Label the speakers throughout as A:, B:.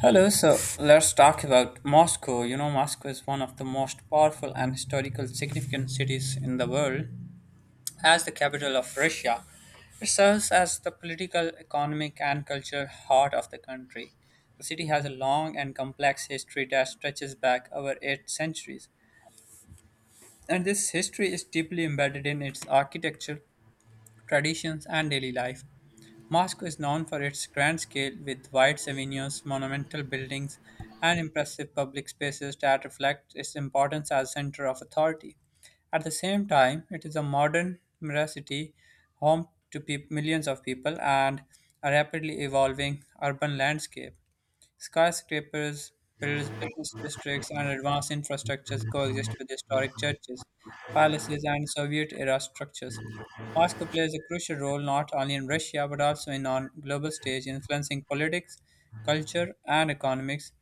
A: Hello, so let's talk about Moscow. You know, Moscow is one of the most powerful and historical significant cities in the world. As the capital of Russia, it serves as the political, economic, and cultural heart of the country. The city has a long and complex history that stretches back over eight centuries, and this history is deeply embedded in its architecture, traditions, and daily life. Moscow is known for its grand scale, with wide avenues, monumental buildings, and impressive public spaces that reflect its importance as a center of authority. At the same time, it is a modern city, home to peop millions of people, and a rapidly evolving urban landscape. Skyscrapers, built business districts, and advanced infrastructures coexist with historic churches, palaces, and Soviet era structures. Moscow plays a crucial role not only in Russia but also in on global stage, influencing politics, culture, and economics.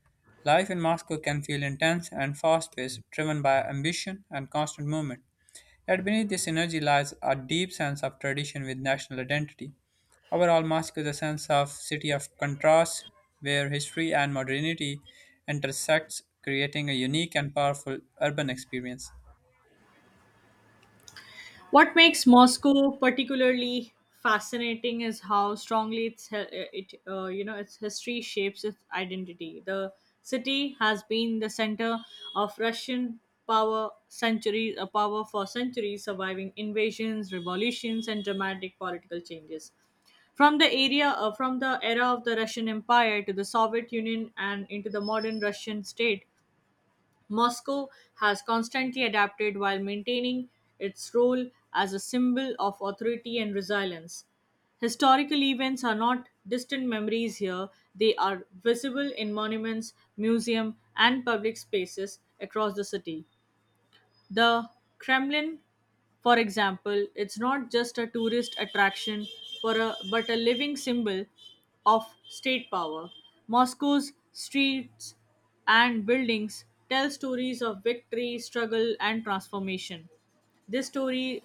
A: Life in Moscow can feel intense and fast paced, driven by ambition and constant movement. Yet beneath this energy lies a deep sense of tradition with national identity. Overall, Moscow is a sense of city of contrast where history and modernity intersects, creating a unique and powerful urban experience.
B: What makes Moscow particularly fascinating is how strongly its he- it you know its history shapes its identity. The city has been the center of Russian power centuries a power for centuries, surviving invasions, revolutions, and dramatic political changes. From the area from the era of the Russian Empire to the Soviet Union and into the modern Russian state, Moscow has constantly adapted while maintaining its role as a symbol of authority and resilience. Historical events are not distant memories here, they are visible in monuments, museums, and public spaces across the city. The Kremlin, for example, it's not just a tourist attraction but a living symbol of state power. Moscow's streets and buildings tell stories of victory, struggle, and transformation. This story,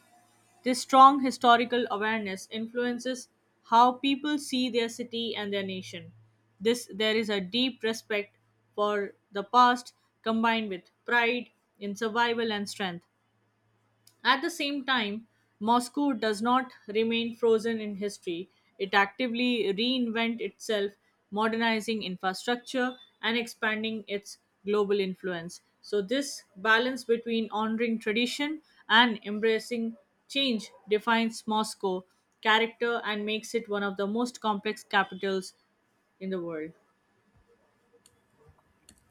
B: this strong historical awareness influences how people see their city and their nation. This There is a deep respect for the past combined with pride in survival and strength. At the same time, Moscow does not remain frozen in history. It actively reinvent itself, modernizing infrastructure and expanding its global influence. So this balance between honoring tradition and embracing change defines Moscow character and makes it one of the most complex capitals in the world.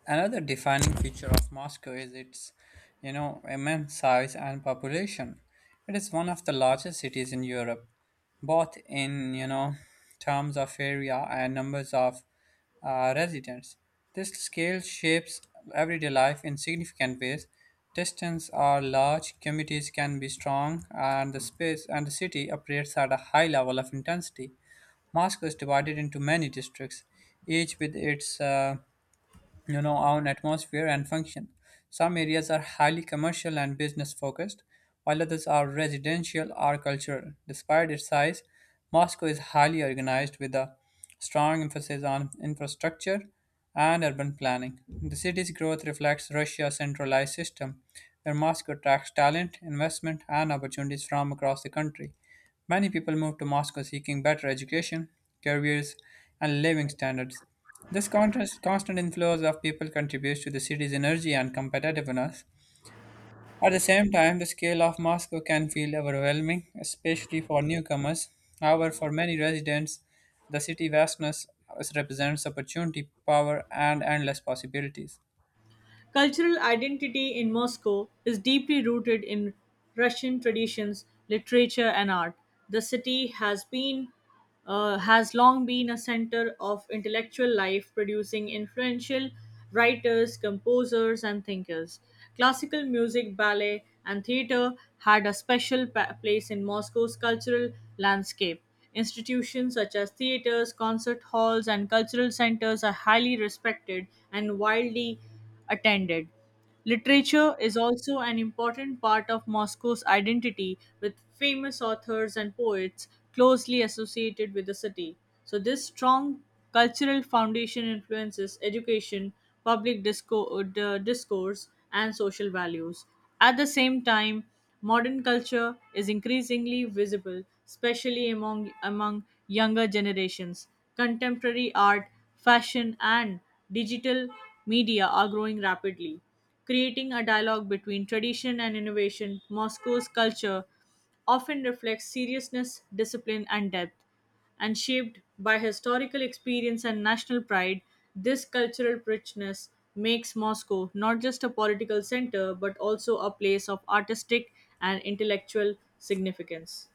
A: Another defining feature of Moscow is its, immense size and population. It is one of the largest cities in Europe, both in terms of area and numbers of residents. This scale shapes everyday life in significant ways. Distance are large, communities can be strong, and the space and the city operates at a high level of intensity. Moscow is divided into many districts, each with its own atmosphere and function. Some areas are highly commercial and business focused, while others are residential or cultural. Despite its size, Moscow is highly organized with a strong emphasis on infrastructure and urban planning. The city's growth reflects Russia's centralized system, where Moscow attracts talent, investment, and opportunities from across the country. Many people move to Moscow seeking better education, careers, and living standards. This contrast, constant inflows of people contributes to the city's energy and competitiveness. At the same time, the scale of Moscow can feel overwhelming, especially for newcomers. However, for many residents, the city vastness represents opportunity, power, and endless possibilities.
B: Cultural identity in Moscow is deeply rooted in Russian traditions, literature, and art. The city has long been a center of intellectual life, producing influential writers, composers, and thinkers. Classical music, ballet, and theater had a place in Moscow's cultural landscape. Institutions such as theaters, concert halls, and cultural centers are highly respected and widely attended. Literature is also an important part of Moscow's identity, with famous authors and poets closely associated with the city. So, this strong cultural foundation influences education, discourse, and social values. At the same time, modern culture is increasingly visible, especially among younger generations. Contemporary art fashion, and digital media are growing rapidly, creating a dialogue between tradition and innovation. Moscow's culture often reflects seriousness, discipline, and depth, and shaped by historical experience and national pride, this cultural richness makes Moscow not just a political center but also a place of artistic and intellectual significance.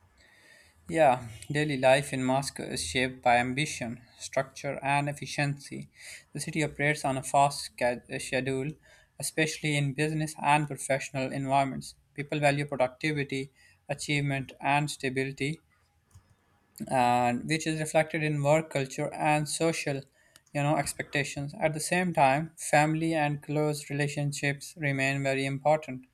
A: Yeah, daily life in Moscow is shaped by ambition, structure, and efficiency. The city operates on a schedule, especially in business and professional environments. People value productivity, achievement, and stability, and which is reflected in work culture and social expectations. At the same time, family and close relationships remain very important,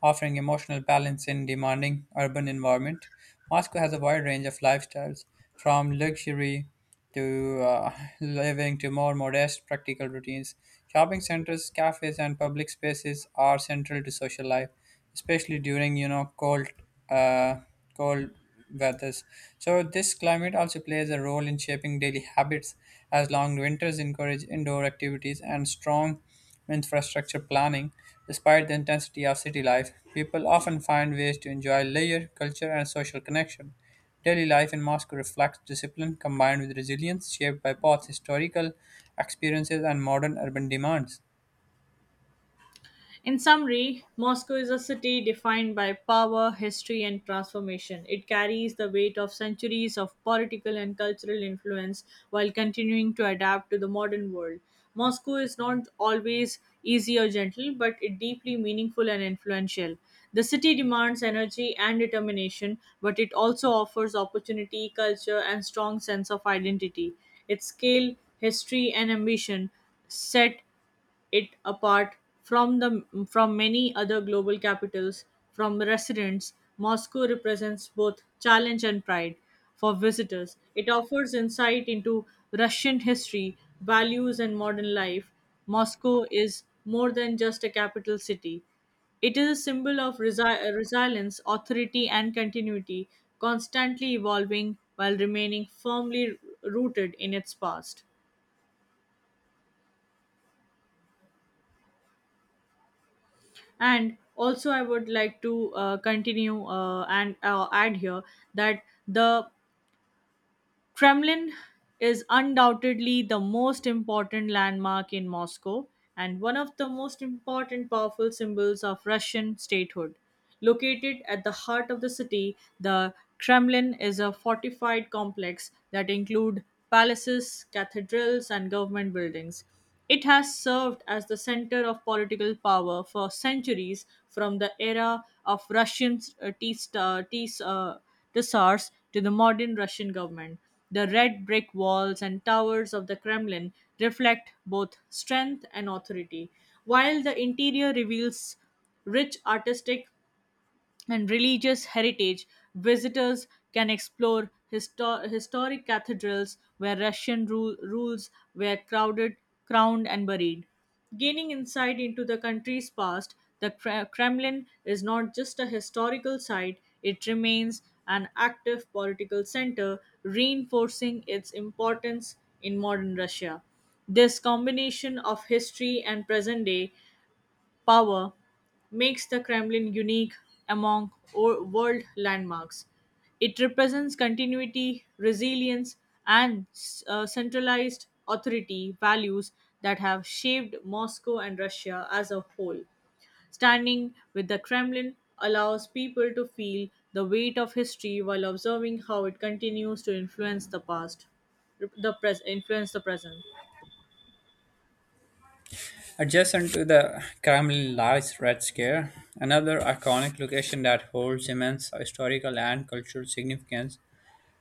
A: offering emotional balance in demanding urban environment. Moscow has a wide range of lifestyles, from luxury to living to more modest practical routines. Shopping centers, cafes, and public spaces are central to social life, especially during cold uh, cold weathers. So this climate also plays a role in shaping daily habits, as long winters encourage indoor activities and strong infrastructure planning. Despite the intensity of city life, people often find ways to enjoy leisure, culture, and social connection. Daily life in Moscow reflects discipline combined with resilience, shaped by both historical experiences and modern urban demands.
B: In summary, Moscow is a city defined by power, history, and transformation. It carries the weight of centuries of political and cultural influence while continuing to adapt to the modern world. Moscow is not always easy or gentle, but it deeply meaningful and influential. The city demands energy and determination, but it also offers opportunity, culture, and strong sense of identity. Its scale, history, and ambition set it apart from the from many other global capitals. From residents Moscow represents both challenge and pride. For visitors it offers insight into Russian history values and modern life. Moscow is more than just a capital city, it is a symbol of resilience, authority, and continuity, constantly evolving while remaining firmly rooted in its past. And also I would like to continue and add here that the Kremlin is undoubtedly the most important landmark in Moscow and one of the most important powerful symbols of Russian statehood. Located at the heart of the city, the Kremlin is a fortified complex that include palaces, cathedrals, and government buildings. It has served as the center of political power for centuries, from the era of Tsars to the modern Russian government. The red brick walls and towers of the Kremlin reflect both strength and authority, while the interior reveals rich artistic and religious heritage. Visitors can explore historic cathedrals where rules were crowded, crowned, and buried. Gaining insight into the country's past, the Kremlin is not just a historical site, it remains an active political center, reinforcing its importance in modern Russia. This combination of history and present day power makes the Kremlin unique among world landmarks. It represents continuity, resilience, and centralized authority values that have shaped Moscow and Russia as a whole. Standing with the Kremlin allows people to feel the weight of history while observing how it continues to influence the past, influence the present.
A: Adjacent to the Kremlin lies Red Square, another iconic location that holds immense historical and cultural significance.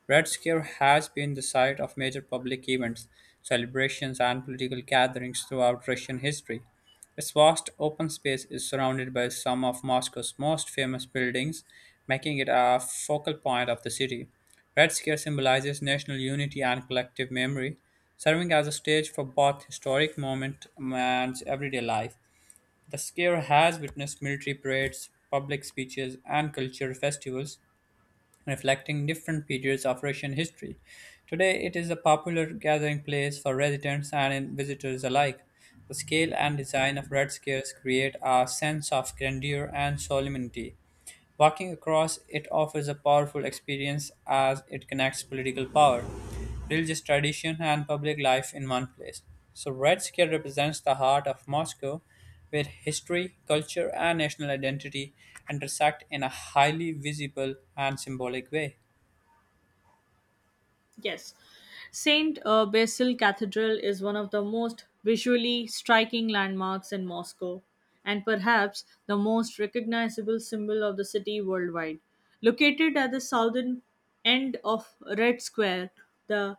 A: Red Scare has been the site of major public events, celebrations, and political gatherings throughout Russian history. Its vast open space is surrounded by some of Moscow's most famous buildings, making it a focal point of the city. Red Scare symbolizes national unity and collective memory, serving as a stage for both historic moments and everyday life. The square has witnessed military parades, public speeches, and cultural festivals, reflecting different periods of Russian history. Today, it is a popular gathering place for residents and visitors alike. The scale and design of Red Squares create a sense of grandeur and solemnity. Walking across it offers a powerful experience as it connects political power, religious tradition, and public life in one place. So, Red Square represents the heart of Moscow, where history, culture, and national identity intersect in a highly visible and symbolic way.
B: Yes. St. Basil Cathedral is one of the most visually striking landmarks in Moscow and perhaps the most recognizable symbol of the city worldwide. Located at the southern end of Red Square, the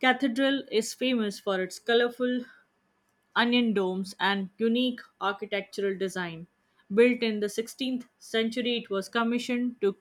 B: cathedral is famous for its colorful onion domes and unique architectural design. Built in the 16th century, it was commissioned to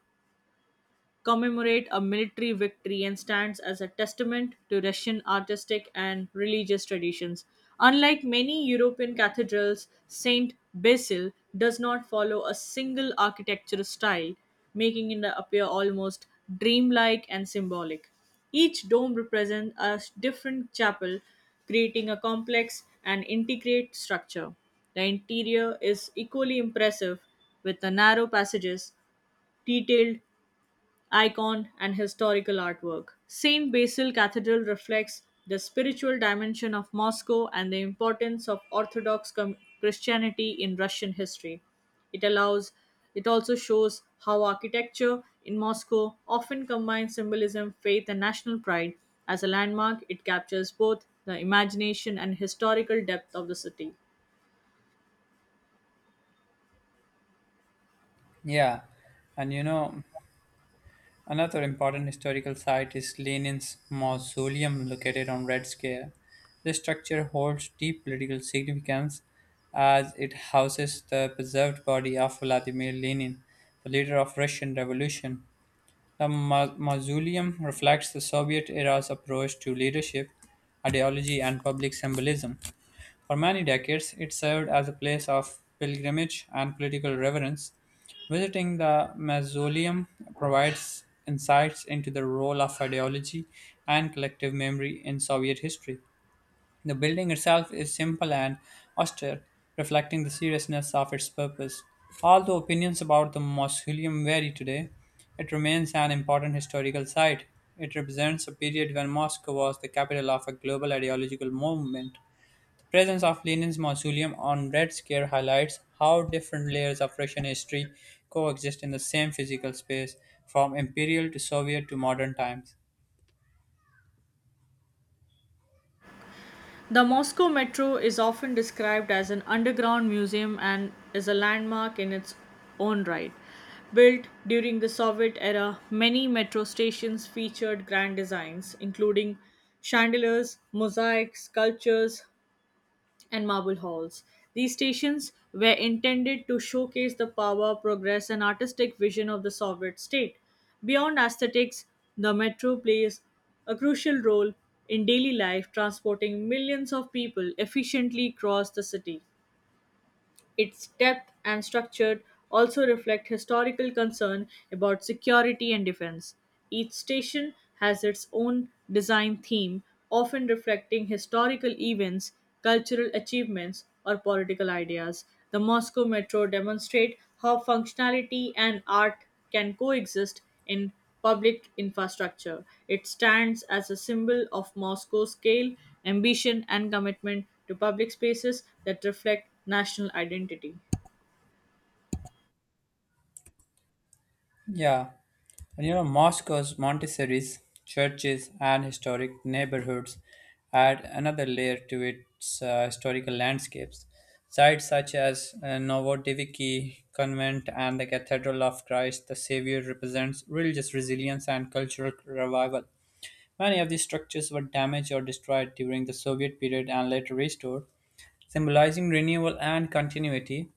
B: commemorate a military victory and stands as a testament to Russian artistic and religious traditions. Unlike many European cathedrals, St. Basil does not follow a single architectural style, making it appear almost dreamlike and symbolic. Each dome represents a different chapel, creating a complex and intricate structure. The interior is equally impressive, with the narrow passages, detailed icon, and historical artwork. St. Basil Cathedral reflects the spiritual dimension of Moscow and the importance of Christianity in Russian history. It allows it also shows how architecture in Moscow often combines symbolism, faith, and national pride. As a landmark, it captures both the imagination and historical depth of the city.
A: Yeah, and another important historical site is Lenin's mausoleum located on Red Square. This structure holds deep political significance as it houses the preserved body of Vladimir Lenin, the leader of Russian Revolution. The mausoleum reflects the Soviet era's approach to leadership, ideology, and public symbolism. For many decades, it served as a place of pilgrimage and political reverence. Visiting the mausoleum provides insights into the role of ideology and collective memory in Soviet history. The building itself is simple and austere, reflecting the seriousness of its purpose. Although opinions about the mausoleum vary today, it remains an important historical site. It represents a period when Moscow was the capital of a global ideological movement. The presence of Lenin's mausoleum on Red Square highlights how different layers of Russian history coexist in the same physical space, from imperial to Soviet to modern times.
B: The Moscow Metro is often described as an underground museum and is a landmark in its own right. Built during the Soviet era, many metro stations featured grand designs, including chandeliers, mosaics, sculptures, and marble halls. These stations were intended to showcase the power, progress, and artistic vision of the Soviet state. Beyond aesthetics, the metro plays a crucial role in daily life, transporting millions of people efficiently across the city. Its depth and structure also reflect historical concern about security and defense. Each station has its own design theme, often reflecting historical events, cultural achievements, or political ideas. The Moscow Metro demonstrate how functionality and art can coexist in public infrastructure. It stands as a symbol of Moscow's scale, ambition, and commitment to public spaces that reflect national identity.
A: Yeah, and Moscow's Montessori's, churches, and historic neighborhoods add another layer to its historical landscapes. Sites such as Novodevichy Convent and the Cathedral of Christ the Savior represents religious resilience and cultural revival. Many of these structures were damaged or destroyed during the Soviet period and later restored, symbolizing renewal and continuity.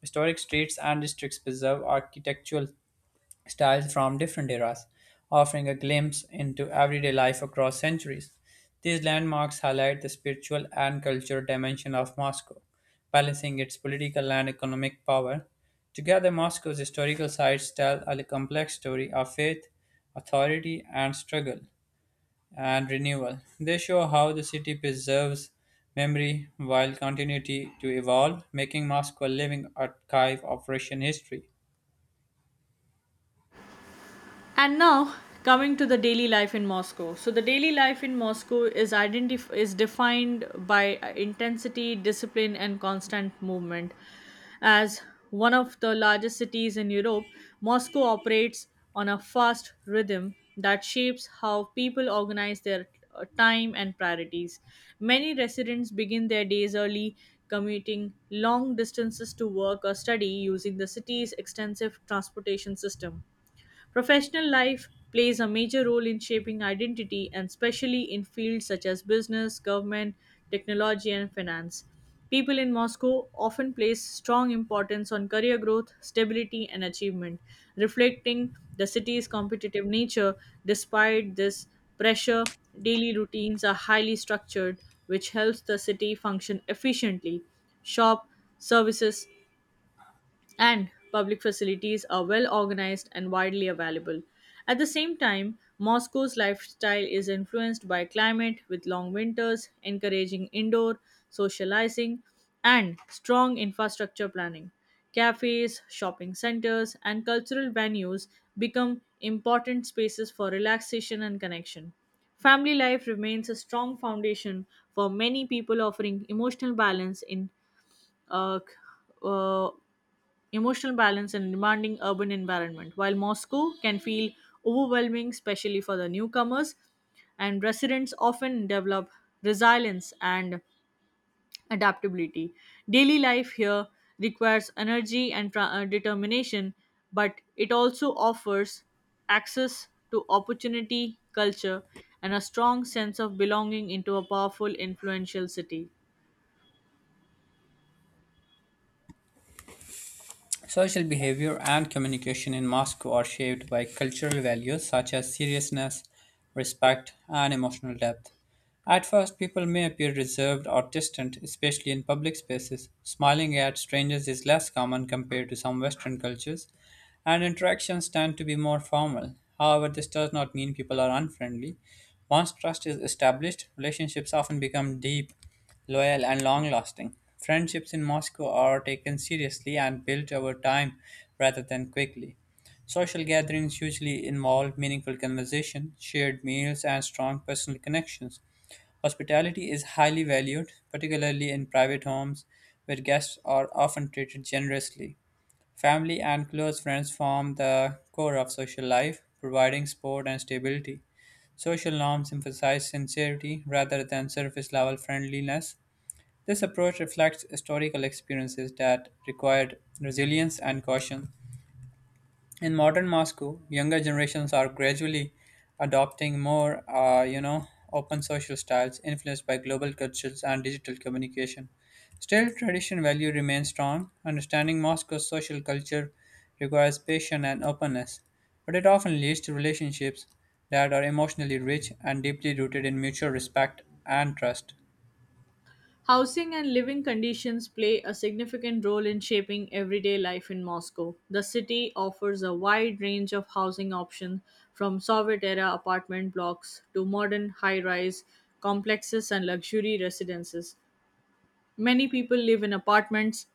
A: Historic streets and districts preserve architectural styles from different eras, offering a glimpse into everyday life across centuries. These landmarks highlight the spiritual and cultural dimension of Moscow, balancing its political and economic power. Together, Moscow's historical sites tell a complex story of faith, authority, and struggle and renewal. They show how the city preserves memory while continuity to evolve, making Moscow a living archive of Russian history.
B: And now coming to the daily life in Moscow. So the daily life in Moscow is defined by intensity, discipline and constant movement. As one of the largest cities in Europe, Moscow operates on a fast rhythm that shapes how people organize their time and priorities. Many residents begin their days early, commuting long distances to work or study using the city's extensive transportation system. Professional life plays a major role in shaping identity, and especially in fields such as business, government, technology, and finance. People in Moscow often place strong importance on career growth, stability, and achievement, reflecting the city's competitive nature. Despite this pressure, daily routines are highly structured, which helps the city function efficiently. Shop, services, and public facilities are well organized and widely available. At the same time, Moscow's lifestyle is influenced by climate with long winters, encouraging indoor socializing, and strong infrastructure planning. Cafes, shopping centers, and cultural venues become important spaces for relaxation and connection. Family life remains a strong foundation for many people, offering emotional balance in uh, c- uh, emotional balance and demanding urban environment. While Moscow can feel overwhelming, especially for the newcomers, and residents often develop resilience and adaptability. Daily life here requires energy and determination, but it also offers access to opportunity, culture, and a strong sense of belonging into a powerful, influential city.
A: Social behavior and communication in Moscow are shaped by cultural values such as seriousness, respect, and emotional depth. At first, people may appear reserved or distant, especially in public spaces. Smiling at strangers is less common compared to some Western cultures, and interactions tend to be more formal. However, this does not mean people are unfriendly. Once trust is established, relationships often become deep, loyal, and long lasting. Friendships in Moscow are taken seriously and built over time rather than quickly. Social gatherings usually involve meaningful conversation, shared meals, and strong personal connections. Hospitality is highly valued, particularly in private homes where guests are often treated generously. Family and close friends form the core of social life, providing support and stability. Social norms emphasize sincerity rather than surface level friendliness. This approach reflects historical experiences that required resilience and caution. In modern Moscow, younger generations are gradually adopting more open social styles influenced by global cultures and digital communication. Still, tradition value remains strong. Understanding Moscow's social culture requires patience and openness, but it often leads to relationships that are emotionally rich and deeply rooted in mutual respect and trust.
B: Housing and living conditions play a significant role in shaping everyday life in Moscow. The city offers a wide range of housing options from Soviet era apartment blocks to modern high rise complexes and luxury residences. Many people live in apartments,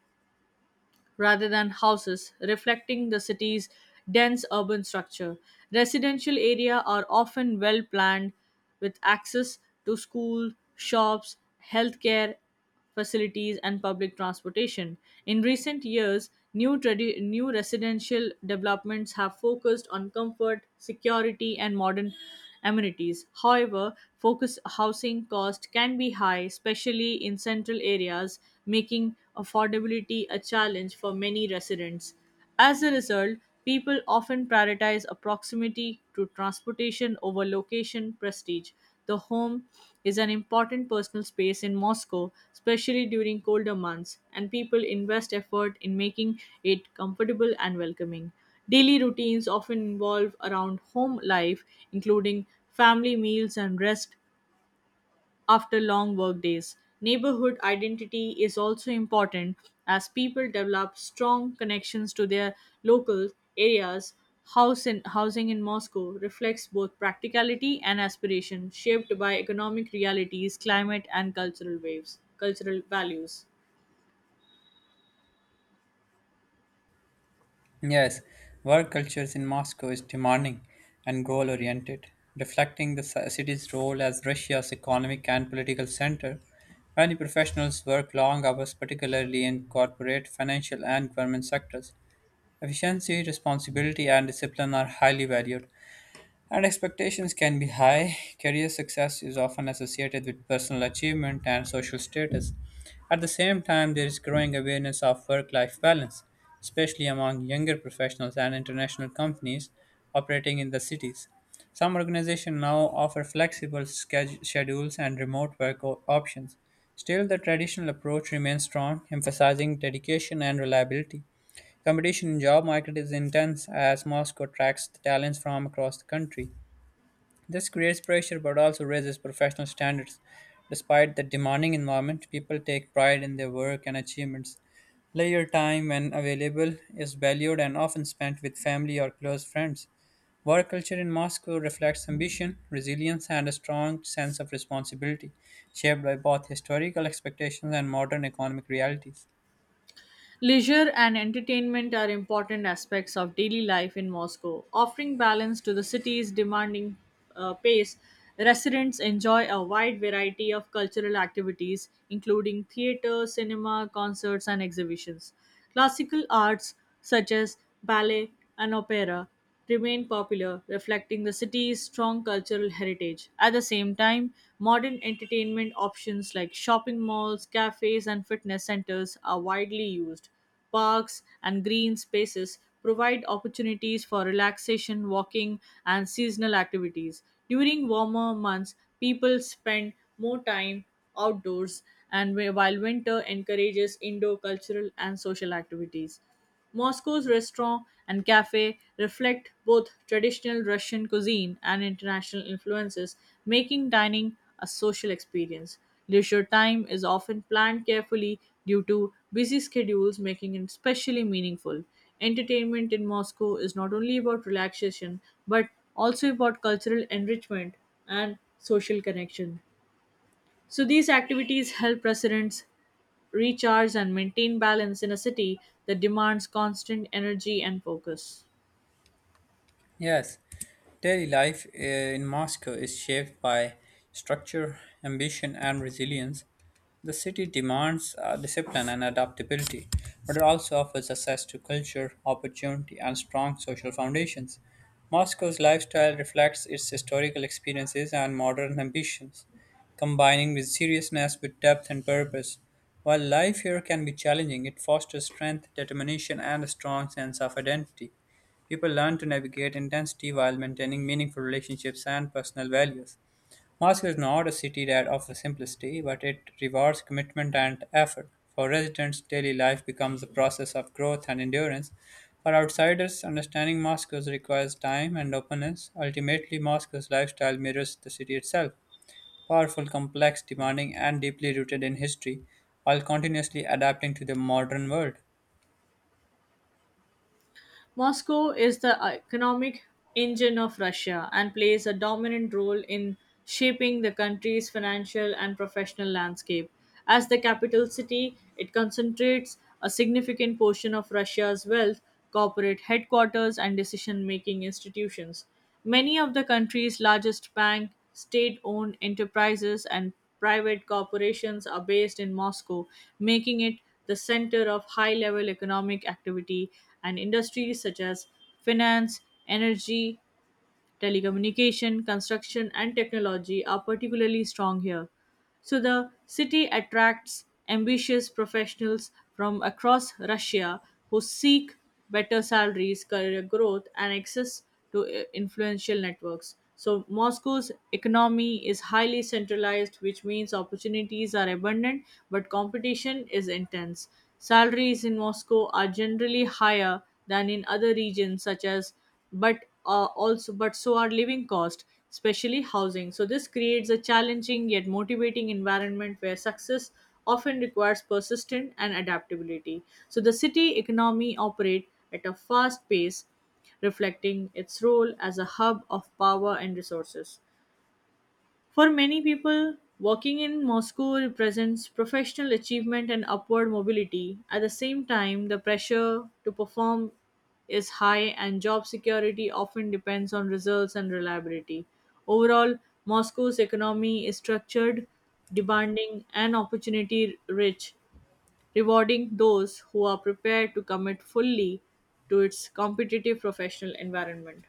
B: rather than houses, reflecting the city's dense urban structure. Residential areas are often well planned with access to school, shops, healthcare facilities and public transportation. In recent years, new residential developments have focused on comfort, security and modern amenities. However, focus housing cost can be high, especially in central areas, making affordability a challenge for many residents. As a result, people often prioritize a proximity to transportation over location prestige. The home is an important personal space in Moscow, especially during colder months, and people invest effort in making it comfortable and welcoming. Daily routines often involve around home life, including family meals and rest after long work days. Neighborhood identity is also important as people develop strong connections to their local areas. Housing in Moscow reflects both practicality and aspiration, shaped by economic realities, climate, and cultural values.
A: Yes, work cultures in Moscow is demanding and goal oriented, reflecting the city's role as Russia's economic and political center. Many professionals work long hours, particularly in corporate, financial, and government sectors. Efficiency, responsibility, and discipline are highly valued. And expectations can be high. Career success is often associated with personal achievement and social status. At the same time, there is growing awareness of work life balance, especially among younger professionals and international companies operating in the cities. Some organizations now offer schedules and remote options. Still, the traditional approach remains strong, emphasizing dedication and reliability. Competition in job market is intense as Moscow attracts the talents from across the country. This creates pressure but also raises professional standards. Despite the demanding environment, people take pride in their work and achievements. Leisure time, when available, is valued and often spent with family or close friends. Work culture in Moscow reflects ambition, resilience, and a strong sense of responsibility, shaped by both historical expectations and modern economic realities.
B: Leisure and entertainment are important aspects of daily life in Moscow, offering balance to the city's demanding pace. Residents enjoy a wide variety of cultural activities, including theater, cinema, concerts, and exhibitions. Classical arts such as ballet and opera remain popular, reflecting the city's strong cultural heritage. At the same time, modern entertainment options like shopping malls, cafes, and fitness centers are widely used. Parks and green spaces provide opportunities for relaxation, walking, and seasonal activities. During warmer months, people spend more time outdoors, and while winter encourages indoor cultural and social activities. Moscow's restaurant and cafe reflect both traditional Russian cuisine and international influences, making dining a social experience. Leisure time is often planned carefully due to busy schedules, making it especially meaningful. Entertainment in Moscow is not only about relaxation but also about cultural enrichment and social connection. So these activities help residents recharge and maintain balance in a city that demands constant energy and focus.
A: Yes, daily life in Moscow is shaped by structure, ambition, and resilience. The city demands discipline and adaptability, but it also offers access to culture, opportunity, and strong social foundations. Moscow's lifestyle reflects its historical experiences and modern ambitions, combining with seriousness with depth and purpose. While life here can be challenging, it fosters strength, determination, and a strong sense of identity. People learn to navigate intensity while maintaining meaningful relationships and personal values. Moscow is not a city that offers simplicity, but it rewards commitment and effort. For residents, daily life becomes a process of growth and endurance. For outsiders, understanding Moscow requires time and openness. Ultimately, Moscow's lifestyle mirrors the city itself powerful, complex, demanding, and deeply rooted in history, while continuously adapting to the modern world.
B: Moscow is the economic engine of Russia and plays a dominant role in shaping the country's financial and professional landscape. As the capital city, it concentrates a significant portion of Russia's wealth, corporate headquarters, and decision making institutions. Many of the country's largest bank, state-owned enterprises and private corporations are based in Moscow, making it the center of high-level economic activity and industries such as finance, energy, telecommunication, construction, and technology are particularly strong here. So the city attracts ambitious professionals from across Russia who seek better salaries, career growth, and access to influential networks. So Moscow's economy is highly centralized, which means opportunities are abundant, but competition is intense. Salaries in Moscow are generally higher than in other regions such as but but so are living costs, especially housing. So this creates a challenging yet motivating environment where success often requires persistence and adaptability. So the city economy operates at a fast pace, reflecting its role as a hub of power and resources. For many people, working in Moscow represents professional achievement and upward mobility. At the same time, the pressure to perform is high, and job security often depends on results and reliability. Overall, Moscow's economy is structured, demanding, and opportunity rich, rewarding those who are prepared to commit fully to its competitive professional environment.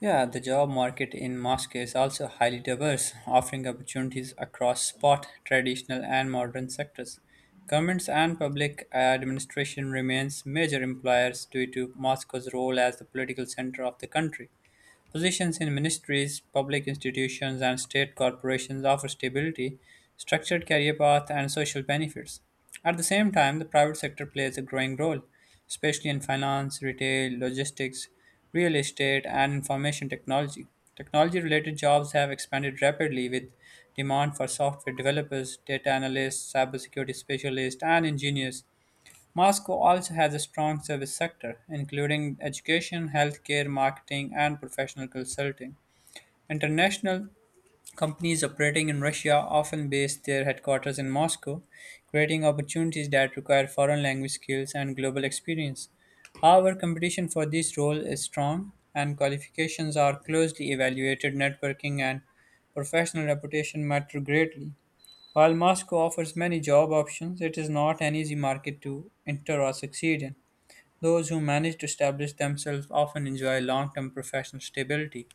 A: Yeah, the job market in Moscow is also highly diverse, offering opportunities across sport, traditional, and modern sectors. Governments and public administration remains major employers due to Moscow's role as the political center of the country. Positions in ministries, public institutions, and state corporations offer stability, structured career path, and social benefits. At the same time, the private sector plays a growing role, especially in finance, retail, logistics, real estate, and information technology. Technology related jobs have expanded rapidly with demand for software developers, data analysts, cybersecurity specialists, and engineers. Moscow also has a strong service sector, including education, healthcare, marketing, and professional consulting. International companies operating in Russia often base their headquarters in Moscow, creating opportunities that require foreign language skills and global experience. However, competition for this role is strong, and qualifications are closely evaluated. Networking and professional reputation matter greatly. While Moscow offers many job options, it is not an easy market to enter or succeed in. Those who manage to establish themselves often enjoy long term professional stability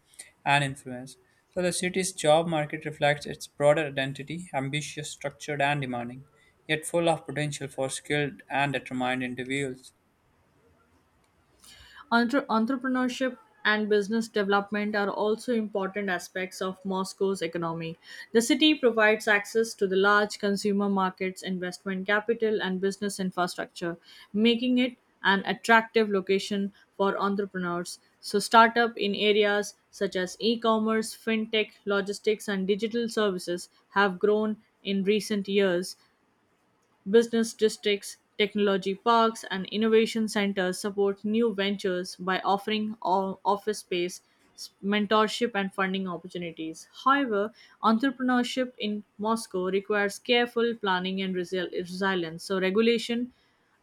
A: and influence. So, the city's job market reflects its broader identity ambitious, structured, and demanding, yet full of potential for skilled and determined individuals.
B: Entrepreneurship and business development are also important aspects of Moscow's economy. The city provides access to the large consumer markets, investment capital, and business infrastructure, making it an attractive location for entrepreneurs. So, startup in areas such as e commerce, fintech, logistics, and digital services have grown in recent years. Business districts, technology parks, and innovation centers support new ventures by offering office space, mentorship, and funding opportunities. However, entrepreneurship in Moscow requires careful planning and resilience.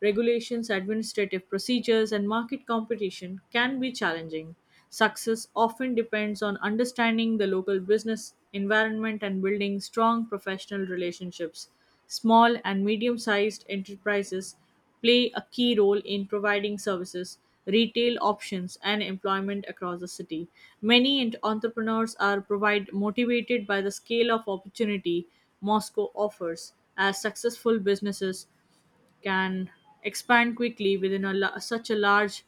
B: Regulations, administrative procedures, and market competition can be challenging. Success often depends on understanding the local business environment and building strong professional relationships. Small and medium sized enterprises play a key role in providing services, retail options, and employment across the city. Many entrepreneurs are provide motivated by the scale of opportunity Moscow offers. As successful businesses can expand quickly within such a large,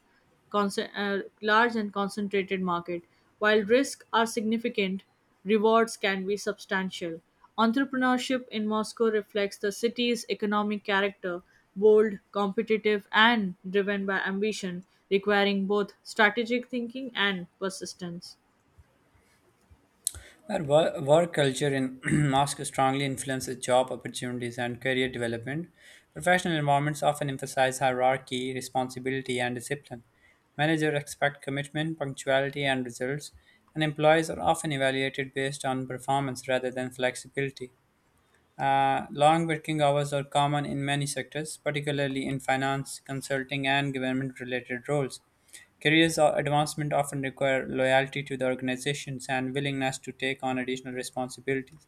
B: large and concentrated market. While risks are significant, rewards can be substantial. Entrepreneurship in Moscow reflects the city's economic character, bold, competitive, and driven by ambition, requiring both strategic thinking and persistence.
A: Our work culture in Moscow strongly influences job opportunities and career development. Professional environments often emphasize hierarchy, responsibility, and discipline. Managers expect commitment, punctuality, and results, and employees are often evaluated based on performance rather than flexibility. Long working hours are common in many sectors, particularly in finance, consulting, and government related roles. Careers or advancement often require loyalty to the organizations and willingness to take on additional responsibilities.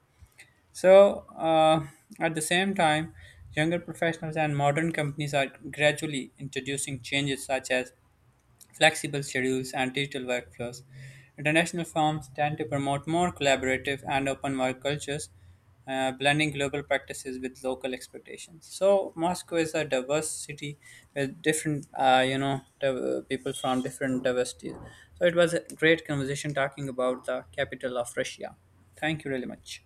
A: So, uh, at the same time, younger professionals and modern companies are gradually introducing changes such as flexible schedules, and digital workflows. International firms tend to promote more collaborative and open work cultures, blending global practices with local expectations. So Moscow is a diverse city with different people from different diversities. So it was a great conversation talking about the capital of Russia. Thank you really much.